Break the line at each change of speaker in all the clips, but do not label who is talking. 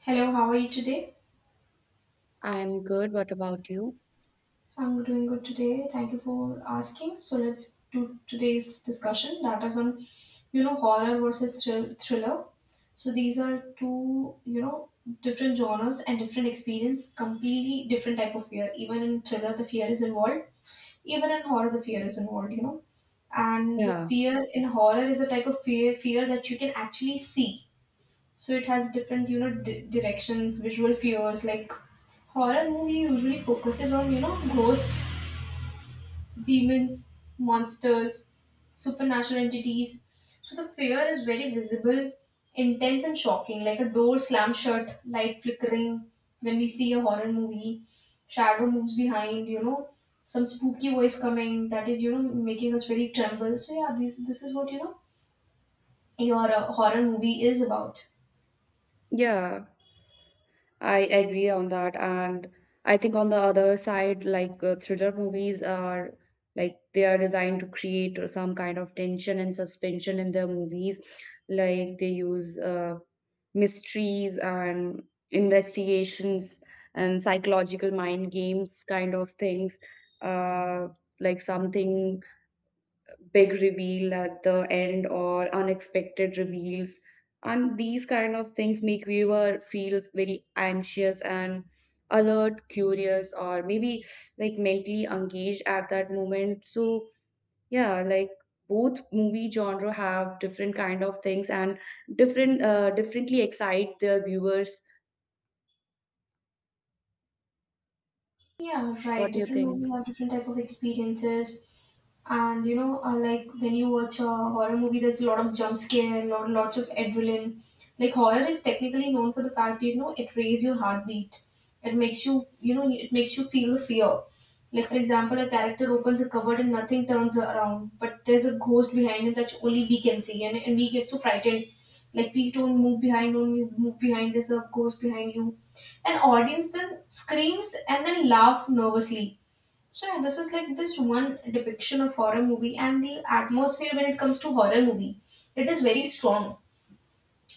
Hello, how are you today?
I'm good. What about you?
I'm doing good today. Thank you for asking. So let's do today's discussion that is on, horror versus thriller. So these are two, different genres and different experience, completely different type of fear. Even in thriller, the fear is involved. Even in horror, the fear is involved. And the
Yeah,
fear in horror is a type of fear that you can actually see, so it has different, directions, visual fears. Like horror movie usually focuses on, ghosts, demons, monsters, supernatural entities. So the fear is very visible, intense and shocking, like a door slammed shut, light flickering when we see a horror movie, shadow moves behind, some spooky voice coming that is, making us very tremble. So yeah, this is what, your horror movie is about.
yeah, I agree on that. And I think on the other side, thriller movies are they are designed to create some kind of tension and suspension in their movies. Like they use mysteries and investigations and psychological mind games kind of things. Uh, like something big reveal at the end or unexpected reveals, and these kind of things make viewer feel very anxious and alert, curious, or maybe like mentally engaged at that moment. So yeah, like both movie genre have different kind of things and different differently excite the viewers.
Yeah, right.
What do you
Different
think?
movies have different type of experiences, and like when you watch a horror movie, there's a lot of jump scare, lots of adrenaline. Like horror is technically known for the fact, it raises your heartbeat. It makes you, you know it makes you feel the fear. Like for example, a character opens a cupboard and nothing turns around, but there's a ghost behind him that only we can see, and we get so frightened. Like please don't move behind, don't move behind. There's a ghost behind you, and audience then screams and then laugh nervously. So yeah, this is like this one depiction of horror movie. And the atmosphere when it comes to horror movie, it is very strong.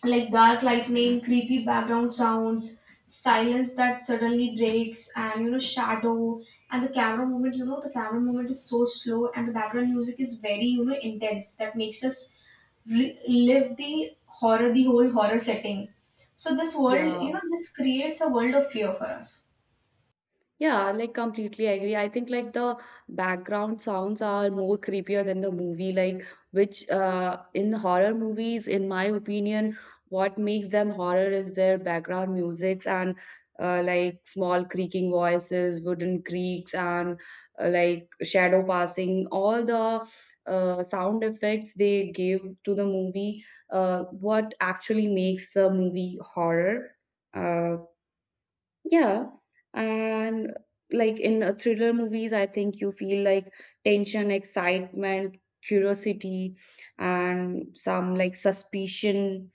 Like dark lightning, creepy background sounds, silence that suddenly breaks, and shadow, and the camera movement, the camera movement is so slow, and the background music is very, intense, that makes us live the horror, the whole horror setting. So this world,
Yeah.
this creates a world of fear for us.
Yeah, like completely agree. I think like the background sounds are more creepier than the movie, like which in horror movies, in my opinion, what makes them horror is their background musics and like small creaking voices, wooden creaks, and like shadow passing, all the sound effects they give to the movie, what actually makes the movie horror. Uh, yeah, and like in thriller movies, I think you feel like tension, excitement, curiosity, and some like suspicion.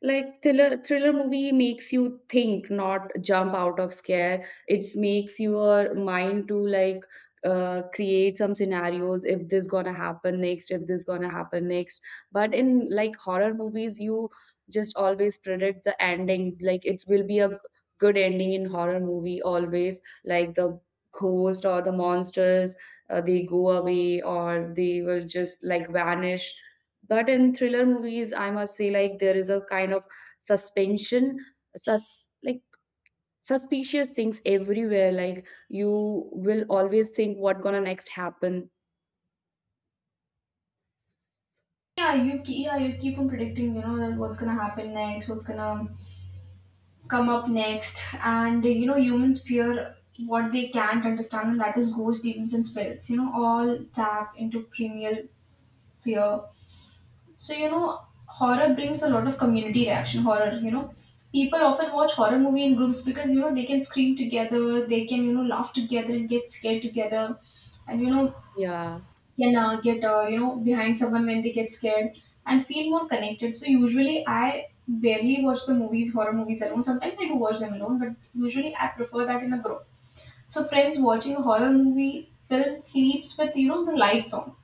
Like thriller movie makes you think, not jump out of scare. It makes your mind to like create some scenarios if this gonna happen next, if this gonna happen next. But in like horror movies, you just always predict the ending. Like it will be a good ending in horror movie always, like the ghost or the monsters, they go away or they will just like vanish. But in thriller movies, I must say like there is a kind of suspension, sus, like suspicious things everywhere, like you will always think what gonna next happen.
Yeah, you keep on predicting, that what's gonna happen next, what's gonna come up next. And you know, humans fear what they can't understand, and that is ghosts, demons, and spirits. You know, all tap into primal fear. So horror brings a lot of community reaction. Horror, people often watch horror movie in groups, because they can scream together, they can laugh together and get scared together, and
Yeah.
can get behind someone when they get scared and feel more connected. So usually I barely watch the movies, horror movies alone. Sometimes I do watch them alone, but usually I prefer that in a group. So friends watching a horror movie film sleeps with, the lights on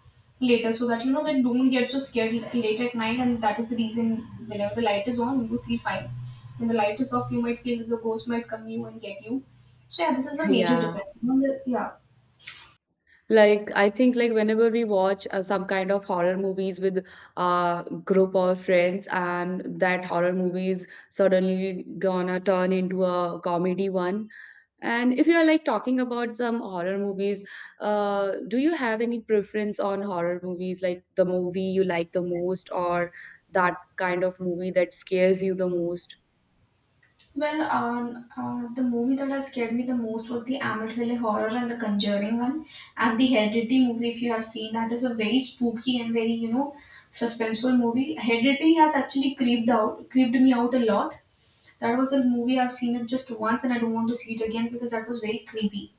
later, so that they don't get so scared late at night, and that is the reason. Whenever the light is on, you feel fine. When the light is off, you might feel that the ghost might come you and get you. So yeah, this is the major
Yeah.
difference. Yeah.
Like, I think like whenever we watch some kind of horror movies with a group of friends, and that horror movie is suddenly gonna turn into a comedy one. And if you are like talking about some horror movies, do you have any preference on horror movies, like the movie you like the most, or that kind of movie that scares you the most?
Well, the movie that has scared me the most was the Amityville Horror, and the Conjuring one, and the Heredity movie. If you have seen that, is a very spooky and very, suspenseful movie. Heredity has actually creeped me out a lot. That was a movie I've seen it just once, and I don't want to see it again because that was very creepy,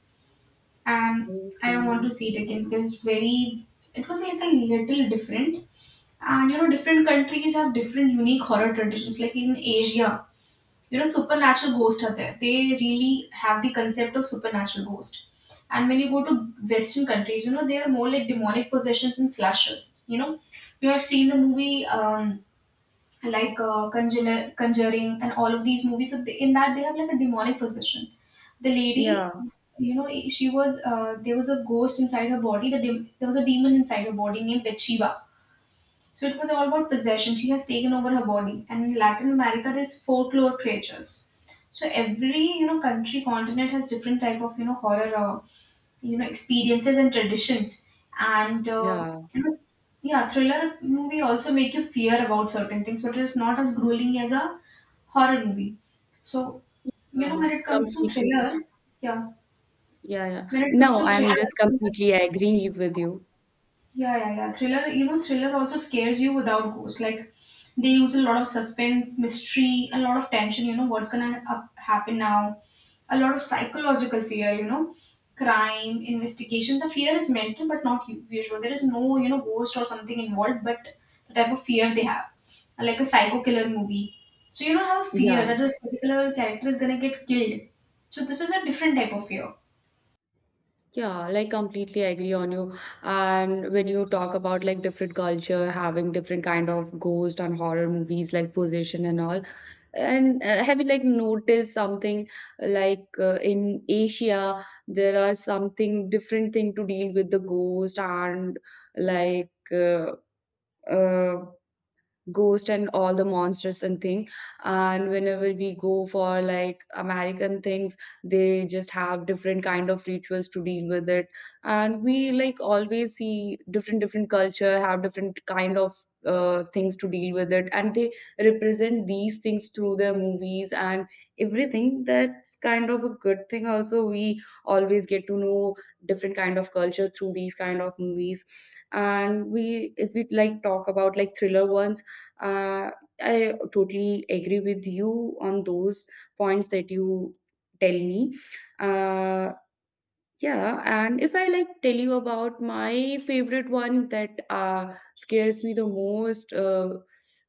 and I don't want to
Okay.
see it again because it's very. It was like a little different, and you know, different countries have different unique horror traditions. Like in Asia, supernatural ghosts are there, they really have the concept of supernatural ghost. And when you go to western countries, they are more like demonic possessions and slashes. You know, you have seen the movie, like conjuring and all of these movies, so they, in that they have like a demonic possession. The
Yeah.
lady, she was, there was a ghost inside her body, there was a demon inside her body named Bathsheba, so it was all about possession. She has taken over her body. And in Latin America, there's folklore creatures. So every, country, continent has different type of, horror, experiences and traditions. And
Yeah.
yeah, thriller movie also make you fear about certain things, but it's not as grueling as a horror movie. So when it comes to
Completely.
thriller, yeah,
Yeah, yeah.
when it comes
No,
to
I'm just
thriller.
completely agree with you.
Yeah, yeah, yeah. Thriller, thriller also scares you without ghosts. Like they use a lot of suspense, mystery, a lot of tension. You know what's gonna happen now. A lot of psychological fear. You know, crime, investigation. The fear is mental, but not usual. There is no ghost or something involved, but the type of fear they have, like a psycho killer movie. So you don't have a fear
Yeah,
that this particular character is gonna get killed. So this is a different type of fear.
yeah, like completely agree on you. And when you talk about like different culture having different kind of ghost and horror movies like possession and all, and have you like noticed something like in Asia there are something different thing to deal with the ghost and like uh, uh, ghost and all the monsters and thing. And whenever we go for like american things, they just have different kind of rituals to deal with it. And we like always see different culture have different kind of things to deal with it, and they represent these things through their movies and everything. That's kind of a good thing also. We always get to know different kind of culture through these kind of movies. And we, if we like talk about like thriller ones, uh, I totally agree with you on those points that you tell me. Uh, yeah, and if I like tell you about my favorite one that scares me the most,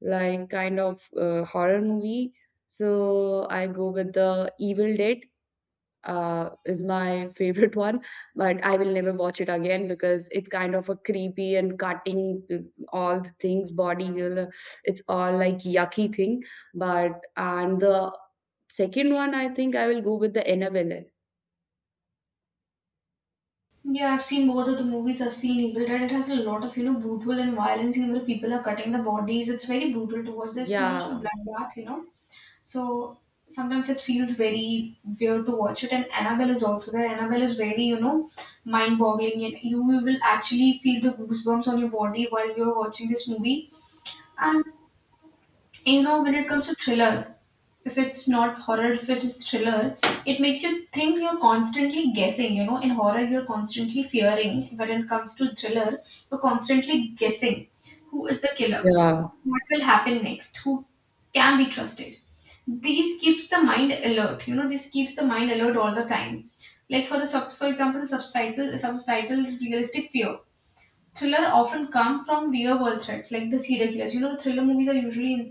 like kind of horror movie. So I go with the Evil Dead, is my favorite one, but I will never watch it again because it's kind of a creepy and cutting all the things body. It's all like yucky thing. But and the second one, I think I will go with the Annabelle.
Yeah, I've seen both of the movies. I've seen Evil Dead. It has a lot of, brutal and violence, scene where people are cutting the bodies. It's very brutal to watch. There's too much of
Yeah,
bloodbath. So sometimes it feels very weird to watch it. And Annabelle is also there. Annabelle is very, mind-boggling, and you will actually feel the goosebumps on your body while you're watching this movie. And when it comes to thriller, if it's not horror, if it's thriller, it makes you think, you're constantly guessing. You know, in horror, you're constantly fearing. When it comes to thriller, you're constantly guessing who is the killer,
yeah,
what will happen next, who can be trusted. These keeps the mind alert. You know, this keeps the mind alert all the time. Like for the sub, for example, the subtitle realistic fear. Thriller often come from real world threats, like the serial killers. You know, thriller movies are usually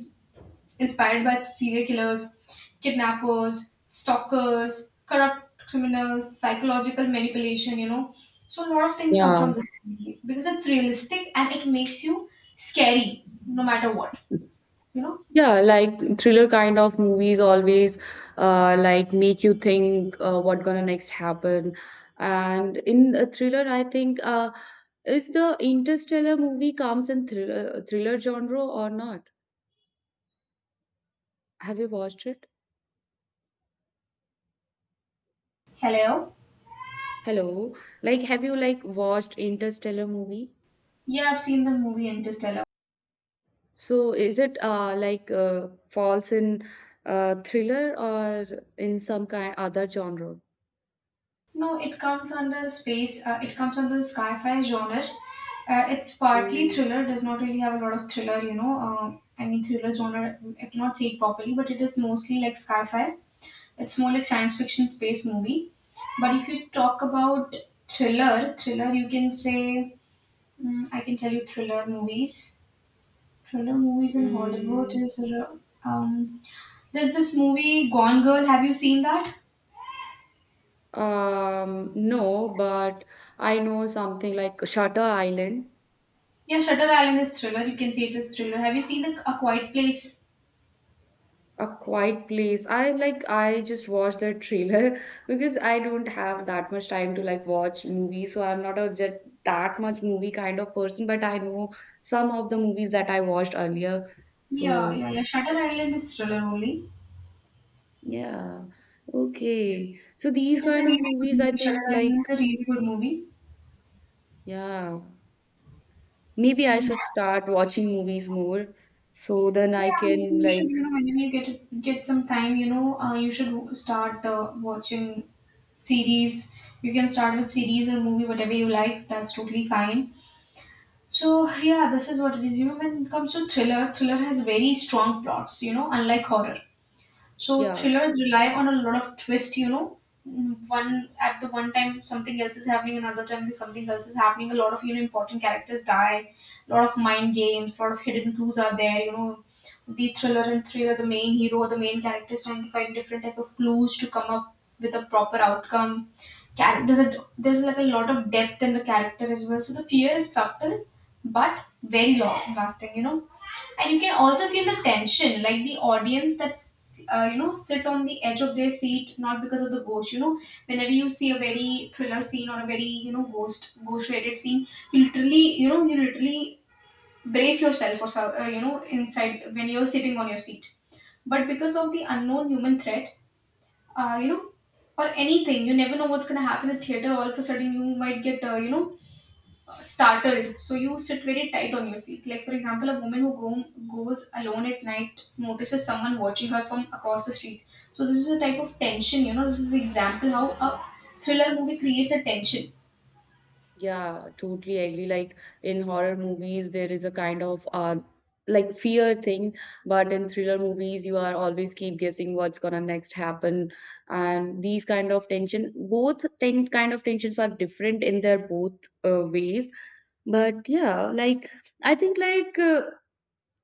inspired by serial killers, kidnappers, stalkers, corrupt criminals, psychological manipulation, you know. So a lot of things come
yeah,
from this movie because it's realistic, and it makes you scary no matter what, you know.
yeah. Like thriller kind of movies always like make you think what gonna next happen. And in a thriller, I think is the Interstellar movie comes in thriller genre or not? Have you watched it?
Hello?
Hello. Like, have you like watched Interstellar movie?
Yeah, I've seen the movie Interstellar.
So is it falls in thriller or in some kind other genre?
No, it comes under space. It comes under the sci-fi genre. It's partly
Oh,
thriller. Does not really have a lot of thriller. You know, I mean thriller genre. I cannot say it properly, but it is mostly like sci-fi. It's more like science fiction space movie. But if you talk about thriller, thriller, you can say, mm, I can tell you thriller movies. Thriller movies in Hollywood
mm,
is um, there's this movie Gone Girl. Have you seen that?
no, but I know something like Shutter Island.
Yeah, Shutter Island is thriller. You can say it is thriller. Have you seen the A Quiet Place?
A Quiet Place. I like I just watched the trailer because I don't have that much time to like watch movies, so I'm not a just that much movie kind of person, but I know some of the movies that I watched earlier.
Yeah,
So
yeah, yeah. Shutter Island is thriller only.
yeah. Okay. So these
It is a
kind of
really good
movies I
movie. Shutter
think like
Island is a really good movie.
yeah. Maybe I should start watching movies more so then I
Yeah, maybe
can
you should,
like
you know, whenever you get some time, you should start watching series. You can start with series or movie, whatever you like. That's totally fine. So yeah, this is what it is. You know, when it comes to thriller, thriller has very strong plots. You know, unlike horror. So
yeah.
thrillers rely on a lot of twist, you know. Mm, one at the one time something else is happening, another time something else is happening. A lot of important characters die, a lot of mind games, a lot of hidden clues are there, you know. The thriller and thriller, the main hero or the main character is trying to find different type of clues to come up with a proper outcome. There's a, there's like a lot of depth in the character as well. So the fear is subtle but very long lasting. And you can also feel the tension, like the audience that's you know sit on the edge of their seat, not because of the ghost. Whenever you see a very thriller scene, or a very ghost related scene, you literally you know you literally brace yourself or so, inside, when you're sitting on your seat, but because of the unknown human threat. uh, you know or anything, you never know what's going to happen in the theater. All of a sudden, you might get startled, so you sit very tight on your seat. Like, for example, a woman who goes alone at night notices someone watching her from across the street. So this is a type of tension. This is the example how a thriller movie creates a tension.
Yeah, totally agree. Like in horror movies, there is a kind of like fear thing, but in thriller movies, you are always keep guessing what's gonna next happen, and these kind of tension, both ten kind of tensions are different in their both ways. But yeah, like I think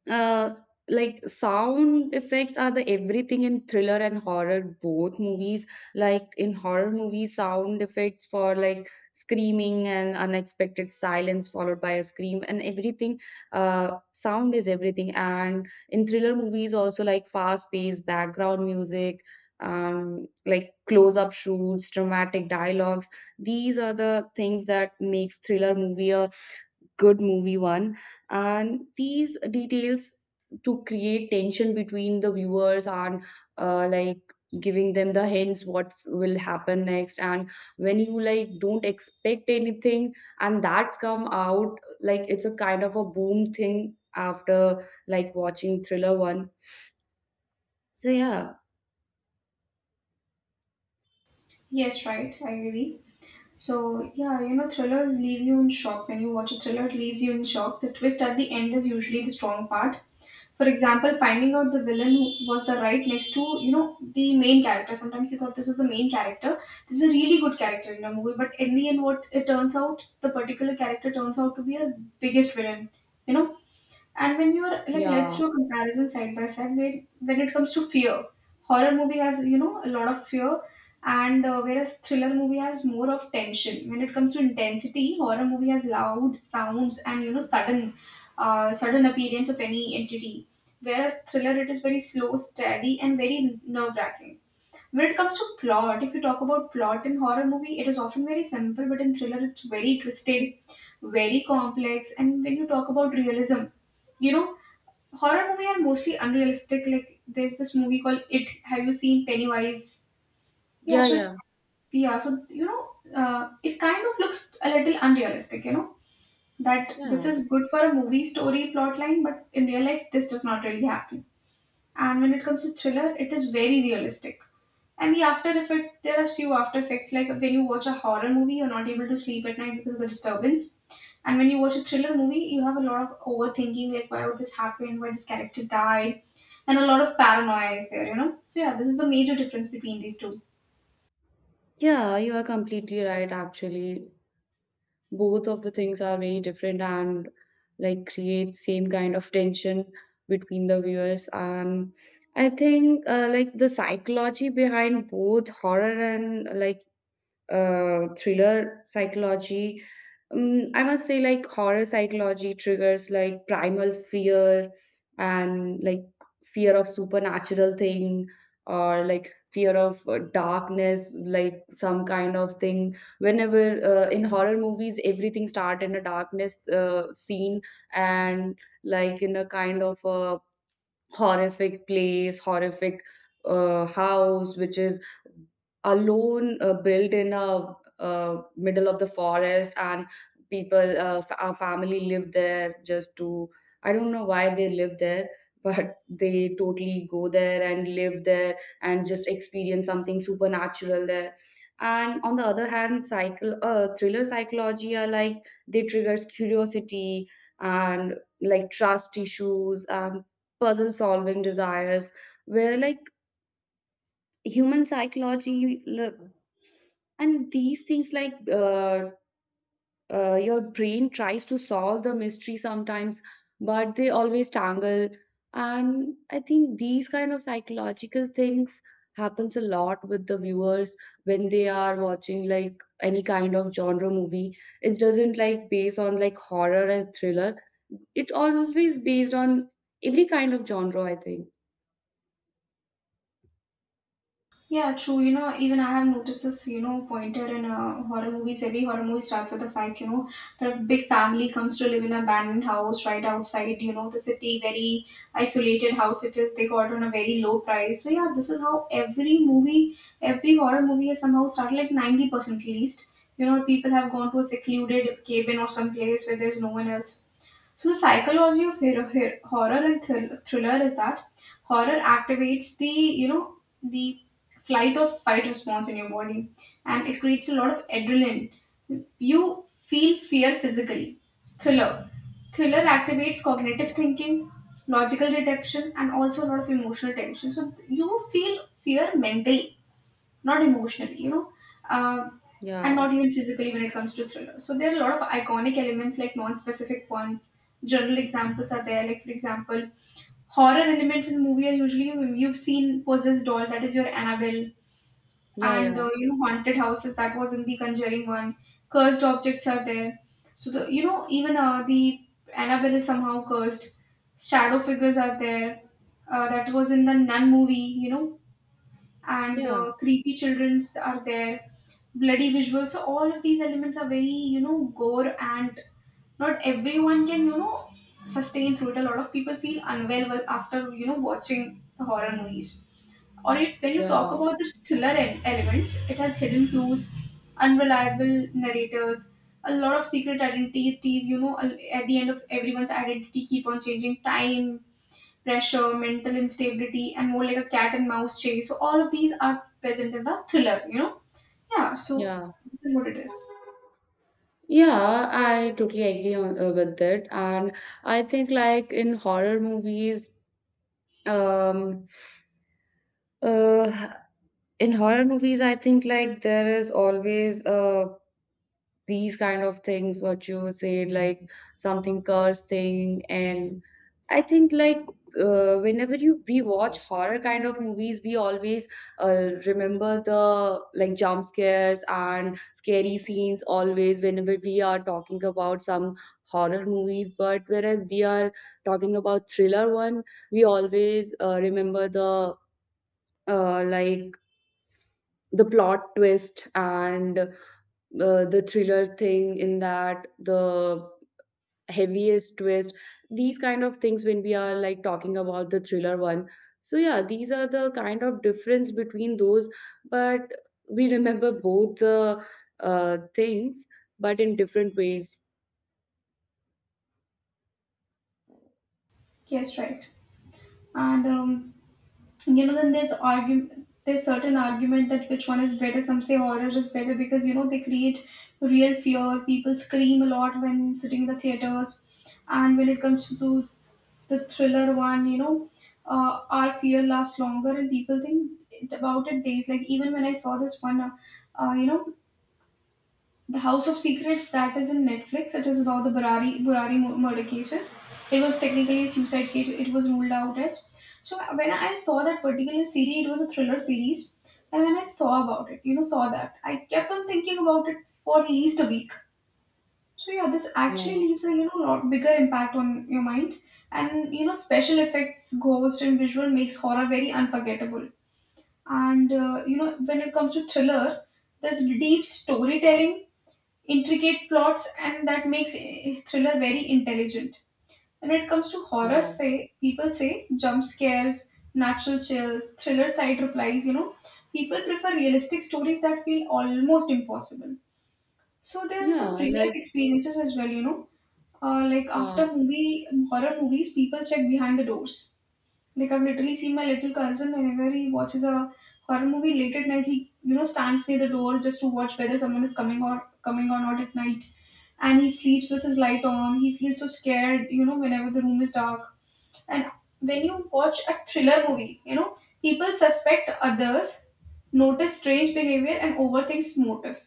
uh, like sound effects are the everything in thriller and horror both movies. Like in horror movies, sound effects for like screaming and unexpected silence followed by a scream and everything. Sound is everything. And in thriller movies, also like fast-paced background music, like close-up shoots, dramatic dialogues. These are the things that makes thriller movie a good movie one, and these details to create tension between the viewers and like giving them the hints what will happen next. And when you like don't expect anything and that's come out, like it's a kind of a boom thing after like watching thriller one. So yeah.
Yes, right. I agree. So yeah, you know, thrillers leave you in shock. When you watch a thriller, it leaves you in shock. The twist at the end is usually the strong part. For example, finding out the villain was the right next to the main character. Sometimes you thought this was the main character. This is a really good character in a movie, but in the end, what it turns out, the particular character turns out to be a biggest villain. You know, and when you're like, let's
Yeah,
do a comparison side by side. When it comes to fear, horror movie has a lot of fear, and whereas thriller movie has more of tension. When it comes to intensity, horror movie has loud sounds and sudden, sudden appearance of any entity. Whereas thriller, it is very slow, steady, and very nerve wracking. When it comes to plot, if you talk about plot in horror movie, it is often very simple, but in thriller, it's very twisted, very complex. And when you talk about realism, you know, horror movie are mostly unrealistic. Like, there's this movie called It. Have you seen Pennywise? Yeah,
yeah,
so it,
yeah,
yeah, so you know, it kind of looks a little unrealistic. You know that this
yeah,
is good for a movie story plot line, but in real life, this does not really happen. And when it comes to thriller, it is very realistic. And the after effect, there are few after effects, like when you watch a horror movie, you're not able to sleep at night because of the disturbance. And when you watch a thriller movie, you have a lot of overthinking, like, why would this happen, why this character died, and a lot of paranoia is there, you know. So yeah, this is the major difference between these two.
yeah. You are completely right. Actually, both of the things are very different and like create same kind of tension between the viewers. And I think like the psychology behind both horror and like thriller psychology. I must say, like horror psychology triggers like primal fear, and like fear of supernatural thing or like fear of darkness, like some kind of thing. Whenever in horror movies, everything start in a darkness scene, and like in a kind of a horrific place, horrific house, which is alone built in a middle of the forest, and people, our family live there just to, I don't know why they live there, but they totally go there and live there and just experience something supernatural there. And on the other hand, cycle thriller psychology are like they triggers curiosity and like trust issues and puzzle solving desires where like human psychology li-, and these things your brain tries to solve the mystery sometimes, but they always tangle. And I think these kind of psychological things happens a lot with the viewers when they are watching like any kind of genre movie. It doesn't like base on like horror and thriller. It always based on every kind of genre, I think.
Yeah, true. You know, even I have noticed this, you know, pointer in horror movies. Every horror movie starts with the fact, you know, that a big family comes to live in an abandoned house right outside, you know, the city, very isolated house it is. They got on a very low price. So, yeah, this is how every movie, every horror movie has somehow started, like 90% at least. You know, people have gone to a secluded cabin or some place where there's no one else. So the psychology of horror and thriller is that horror activates the you know the flight or fight response in your body, and it creates a lot of adrenaline. You feel fear physically. Thriller Thriller activates cognitive thinking, logical detection, and also a lot of emotional tension. So you feel fear mentally, not emotionally, you know, um, and
Yeah,
not even physically when it comes to thriller. So there are a lot of iconic elements, like non-specific ones. General examples are there, like for example, horror elements in movie are usually, you've seen Possessed Doll, that is your Annabelle,
yeah, yeah,
and you know haunted houses, that was in the Conjuring one. Cursed objects are there. So the you know even the Annabelle is somehow cursed. Shadow figures are there. That was in the Nun movie. You know, and
yeah,
creepy childrens are there, bloody visuals, so all of these elements are very you know gore, and not everyone can you know sustain through it. A lot of people feel unwell after you know watching the horror movies. Or it, when you talk
yeah,
about the thriller elements, it has hidden clues, unreliable narrators, a lot of secret identities. You know, at the end of everyone's identity, keep on changing. Time, pressure, mental instability, and more like a cat and mouse chase. So all of these are present in the thriller. You know, yeah. So
yeah.
this is what it is.
Yeah, I totally agree on with that. And I think like um, uh, in horror movies, I think like there is always a these kind of things what you said like something curse thing. And I think like whenever you we watch horror kind of movies, we always remember the like jump scares and scary scenes always whenever we are talking about some horror movies. But whereas we are talking about thriller one, we always remember the like the plot twist and the thriller thing in that, the heaviest twist, these kind of things when we are like talking about the thriller one. So yeah, these are the kind of difference between those, but we remember both the things, but in different ways.
Yes, right. And you know then there's argument, there's certain argument that which one is better. Some say horror is better because you know they create real fear, people scream a lot when sitting in the theaters. And when it comes to the thriller one, you know, our fear lasts longer, and people think about it days, like even when I saw this one you know, the House of Secrets that is in Netflix. It is about the Burari murder cases. It was technically a suicide case. It was ruled out as. So when I saw that particular series, it was a thriller series, and when I saw about it, you know, saw that, I kept on thinking about it for at least a week. So yeah, this
Yeah,
actually leaves a you know lot bigger impact on your mind, and you know special effects, ghost, and visual makes horror very unforgettable. And you know when it comes to thriller, there's deep storytelling, intricate plots, and that makes a thriller very intelligent. And when it comes to horror,
yeah,
say people say jump scares, natural chills, thriller side replies, you know, people prefer realistic stories that feel almost impossible. So there are
yeah,
some real life
like
experiences as well, you know. Like
yeah,
after movie horror movies, people check behind the doors, like I've literally seen my little cousin whenever he watches a horror movie late at night, he you know stands near the door just to watch whether someone is coming or coming or not at night, and he sleeps with his light on. He feels so scared, you know, whenever the room is dark. And when you watch a thriller movie, you know people suspect others, notice strange behavior, and overthinks motive.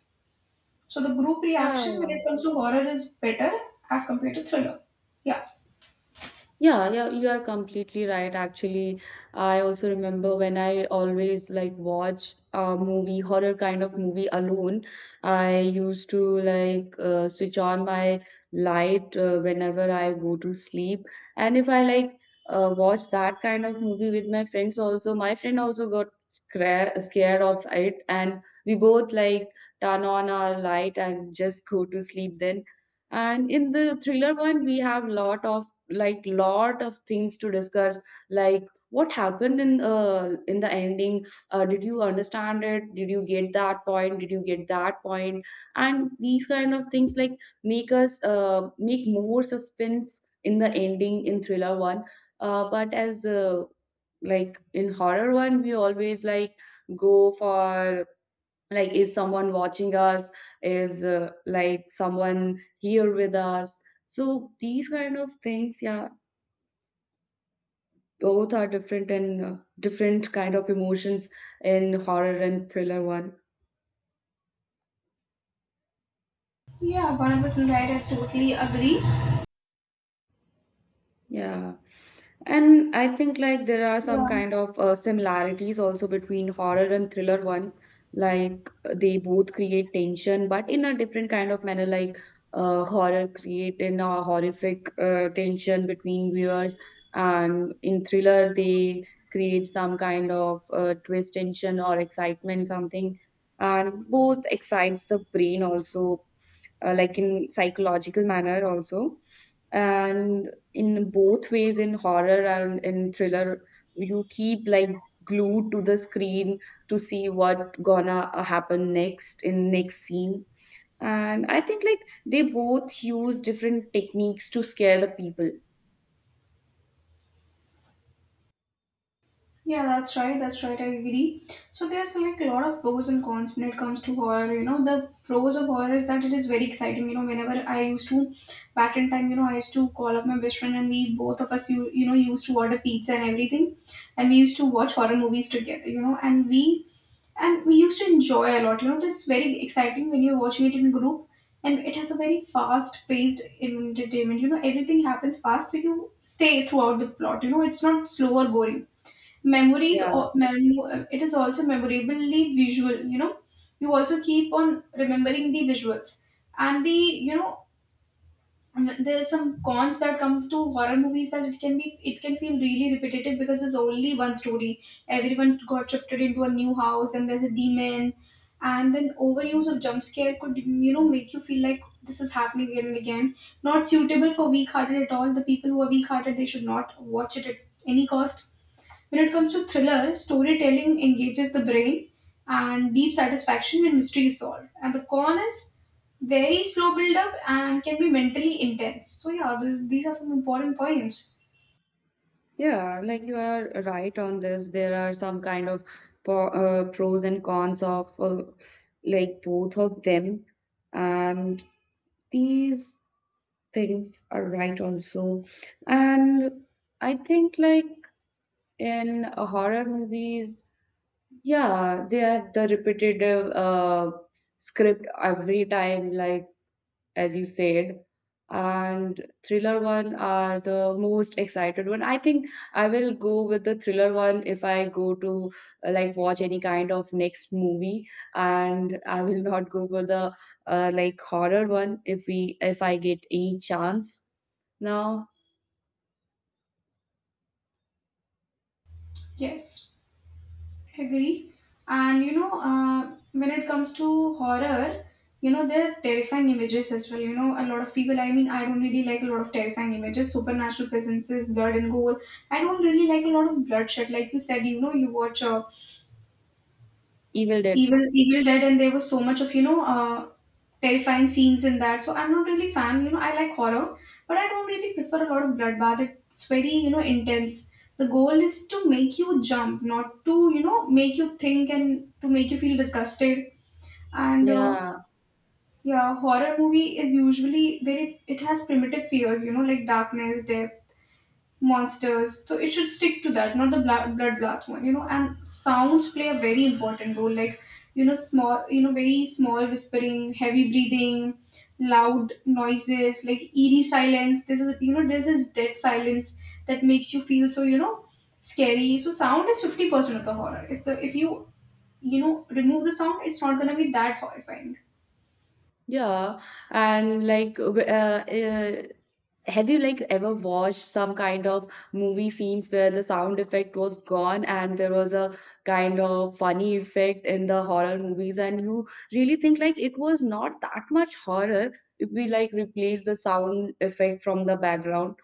So the group reaction when
yeah.
it comes to horror is better as compared to thriller. Yeah.
Yeah, yeah, you are completely right. Actually, I also remember when I always like watch a movie, horror kind of movie alone. I used to like switch on my light whenever I go to sleep. And if I like watch that kind of movie with my friends also, my friend also got scra scared of it, and we both like turn on our light and just go to sleep then. And in the thriller one, we have lot of like lot of things to discuss, like what happened in the ending, did you understand it, did you get that point, did you get that point? And these kind of things like make us make more suspense in the ending in thriller one. But as like in horror one, we always like go for like, is someone watching us, is like someone here with us. So these kind of things, yeah, both are different, and different kind of emotions in horror and thriller one.
Yeah, 100% right. I totally agree.
Yeah. And I think like there are some
Yeah.
kind of similarities also between horror and thriller one. Like they both create tension, but in a different kind of manner. Like horror create in a horrific tension between viewers, and in thriller they create some kind of twist tension or excitement, something. And both excites the brain also like in psychological manner also, and in both ways in horror and in thriller you keep like glued to the screen to see what gonna happen next in next scene. And I think like they both use different techniques to scare the people.
Yeah, that's right. That's right. I agree. So there's like a lot of pros and cons when it comes to horror. You know, the pros of horror is that it is very exciting. You know, whenever I used to, back in time, you know, I used to call up my best friend, and we both of us, you know, used to order pizza and everything, and we used to watch horror movies together. You know, and we used to enjoy a lot. You know, that's very exciting when you're watching it in group, and it has a very fast-paced entertainment. You know, everything happens fast, so you stay throughout the plot. You know, it's not slow or boring. Memories
Yeah,
Or it is also memorably visual, you know, you also keep on remembering the visuals, and the you know there's some cons that come to horror movies, that it can be, it can feel really repetitive because there's only one story, everyone got shifted into a new house and there's a demon, and then overuse of jump scare could you know make you feel like this is happening again and again, not suitable for weak hearted at all, the people who are weak hearted, they should not watch it at any cost. When it comes to thriller, storytelling engages the brain and deep satisfaction when mystery is solved. And the con is very slow build up and can be mentally intense. So yeah, these are some important points.
yeah, like you are right on this. There are some kind of po pros and cons of like both of them, and these things are right also. And I think like in horror movies, yeah, they have the repetitive script every time, like as you said. And thriller one are the most excited one. I think I will go with the thriller one if I go to like watch any kind of next movie, and I will not go for the like horror one if we if I get any chance. Now,
Yes, I agree. And you know, when it comes to horror, you know there are terrifying images as well. You know, a lot of people. I mean, I don't really like a lot of terrifying images, supernatural presences, blood and gore. I don't really like a lot of bloodshed. Like you said, you know, you watch.
Evil Dead.
Evil Dead, and there was so much of you know terrifying scenes in that. So I'm not really fan. You know, I like horror, but I don't really prefer a lot of bloodbath. It's very you know intense. The goal is to make you jump, not to you know make you think and to make you feel disgusted. And
Yeah.
yeah, horror movie is usually very. It has primitive fears, you know, like darkness, death, monsters. So it should stick to that, not the bloodbath one, you know. And sounds play a very important role, like you know, small, you know, very small whispering, heavy breathing, loud noises, like eerie silence. This is, you know, this is dead silence that makes you feel so, you know, scary. So sound is 50% of the horror. If you you know remove the sound, it's not gonna be that horrifying.
Yeah, and like, have you like ever watched some kind of movie scenes where the sound effect was gone and there was a kind of funny effect in the horror movies, and you really think like it was not that much horror if we like replace the sound effect from the background,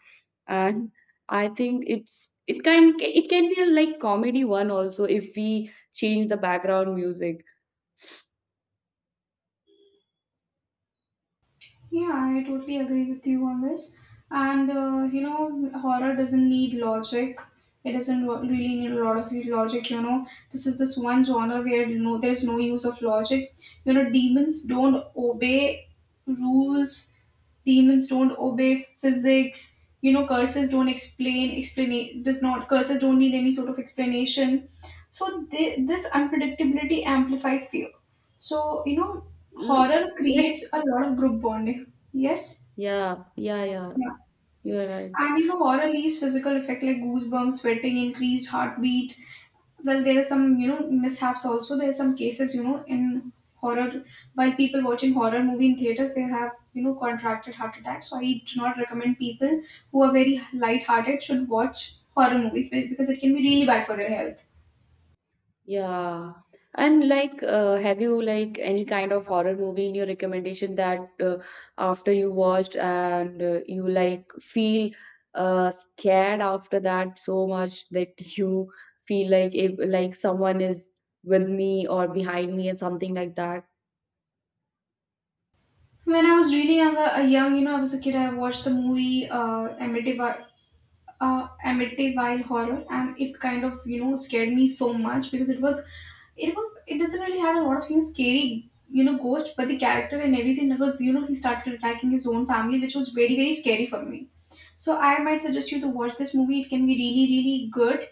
and I think it can be a like comedy one also if we change the background music.
Yeah, I totally agree with you on this. And you know, horror doesn't need logic. It doesn't really need a lot of logic. You know, this is this one genre where you know there is no use of logic. You know, demons don't obey rules. Demons don't obey physics. You know, curses don't explain. Explain does not curses don't need any sort of explanation. So they, this unpredictability amplifies fear, so, you know,
L-,
horror
like
creates a lot of group bonding. Yes?
yeah, yeah, yeah.
Yeah.
You are right.
And you know, horror leaves physical effect like goosebumps, sweating, increased heartbeat. Well, there are some, you know, mishaps also. There are some cases, you know, in horror, while people watching horror movie in theaters, they have, you know, contracted heart attacks. So I do not recommend people who are very light-hearted should watch horror movies because it can be really bad for their health.
Yeah. And like, have you like any kind of horror movie in your recommendation that after you watched and you like feel scared after that so much that you feel like if like someone is with me or behind me and something like that?
When I was really young, you know, I was a kid. I watched the movie Amityville, Amityville Horror, and it kind of you know scared me so much because it was, it doesn't really had a lot of you know scary you know ghost, but the character and everything that was you know he started attacking his own family, which was very very scary for me. So I might suggest you to watch this movie. It can be really really good,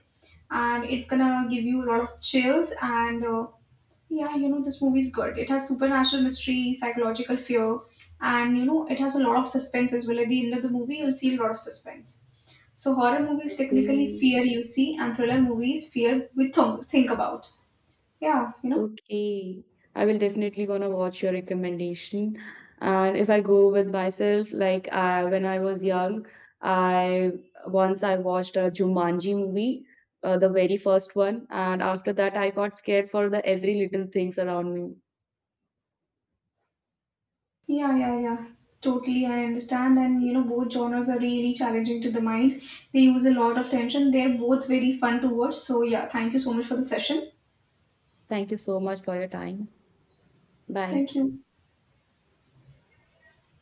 and it's gonna give you a lot of chills and. Yeah, you know, this movie is good. It has supernatural mystery, psychological fear, and you know, it has a lot of suspense as well. At the end of the movie, you'll see a lot of suspense. So horror movies technically
Okay.
fear you see, and thriller movies fear we think about. Yeah, you know.
Okay, I will definitely gonna watch your recommendation. And if I go with myself, like when I was young, I once I watched a Jumanji movie, the very first one, and after that I got scared for the every little things around me.
Yeah, yeah, yeah. Totally, I understand. And you know, both genres are really challenging to the mind. They use a lot of tension. They're both very fun to watch. So yeah, thank you so much for the session.
Thank you so much for your time. Bye.
Thank you.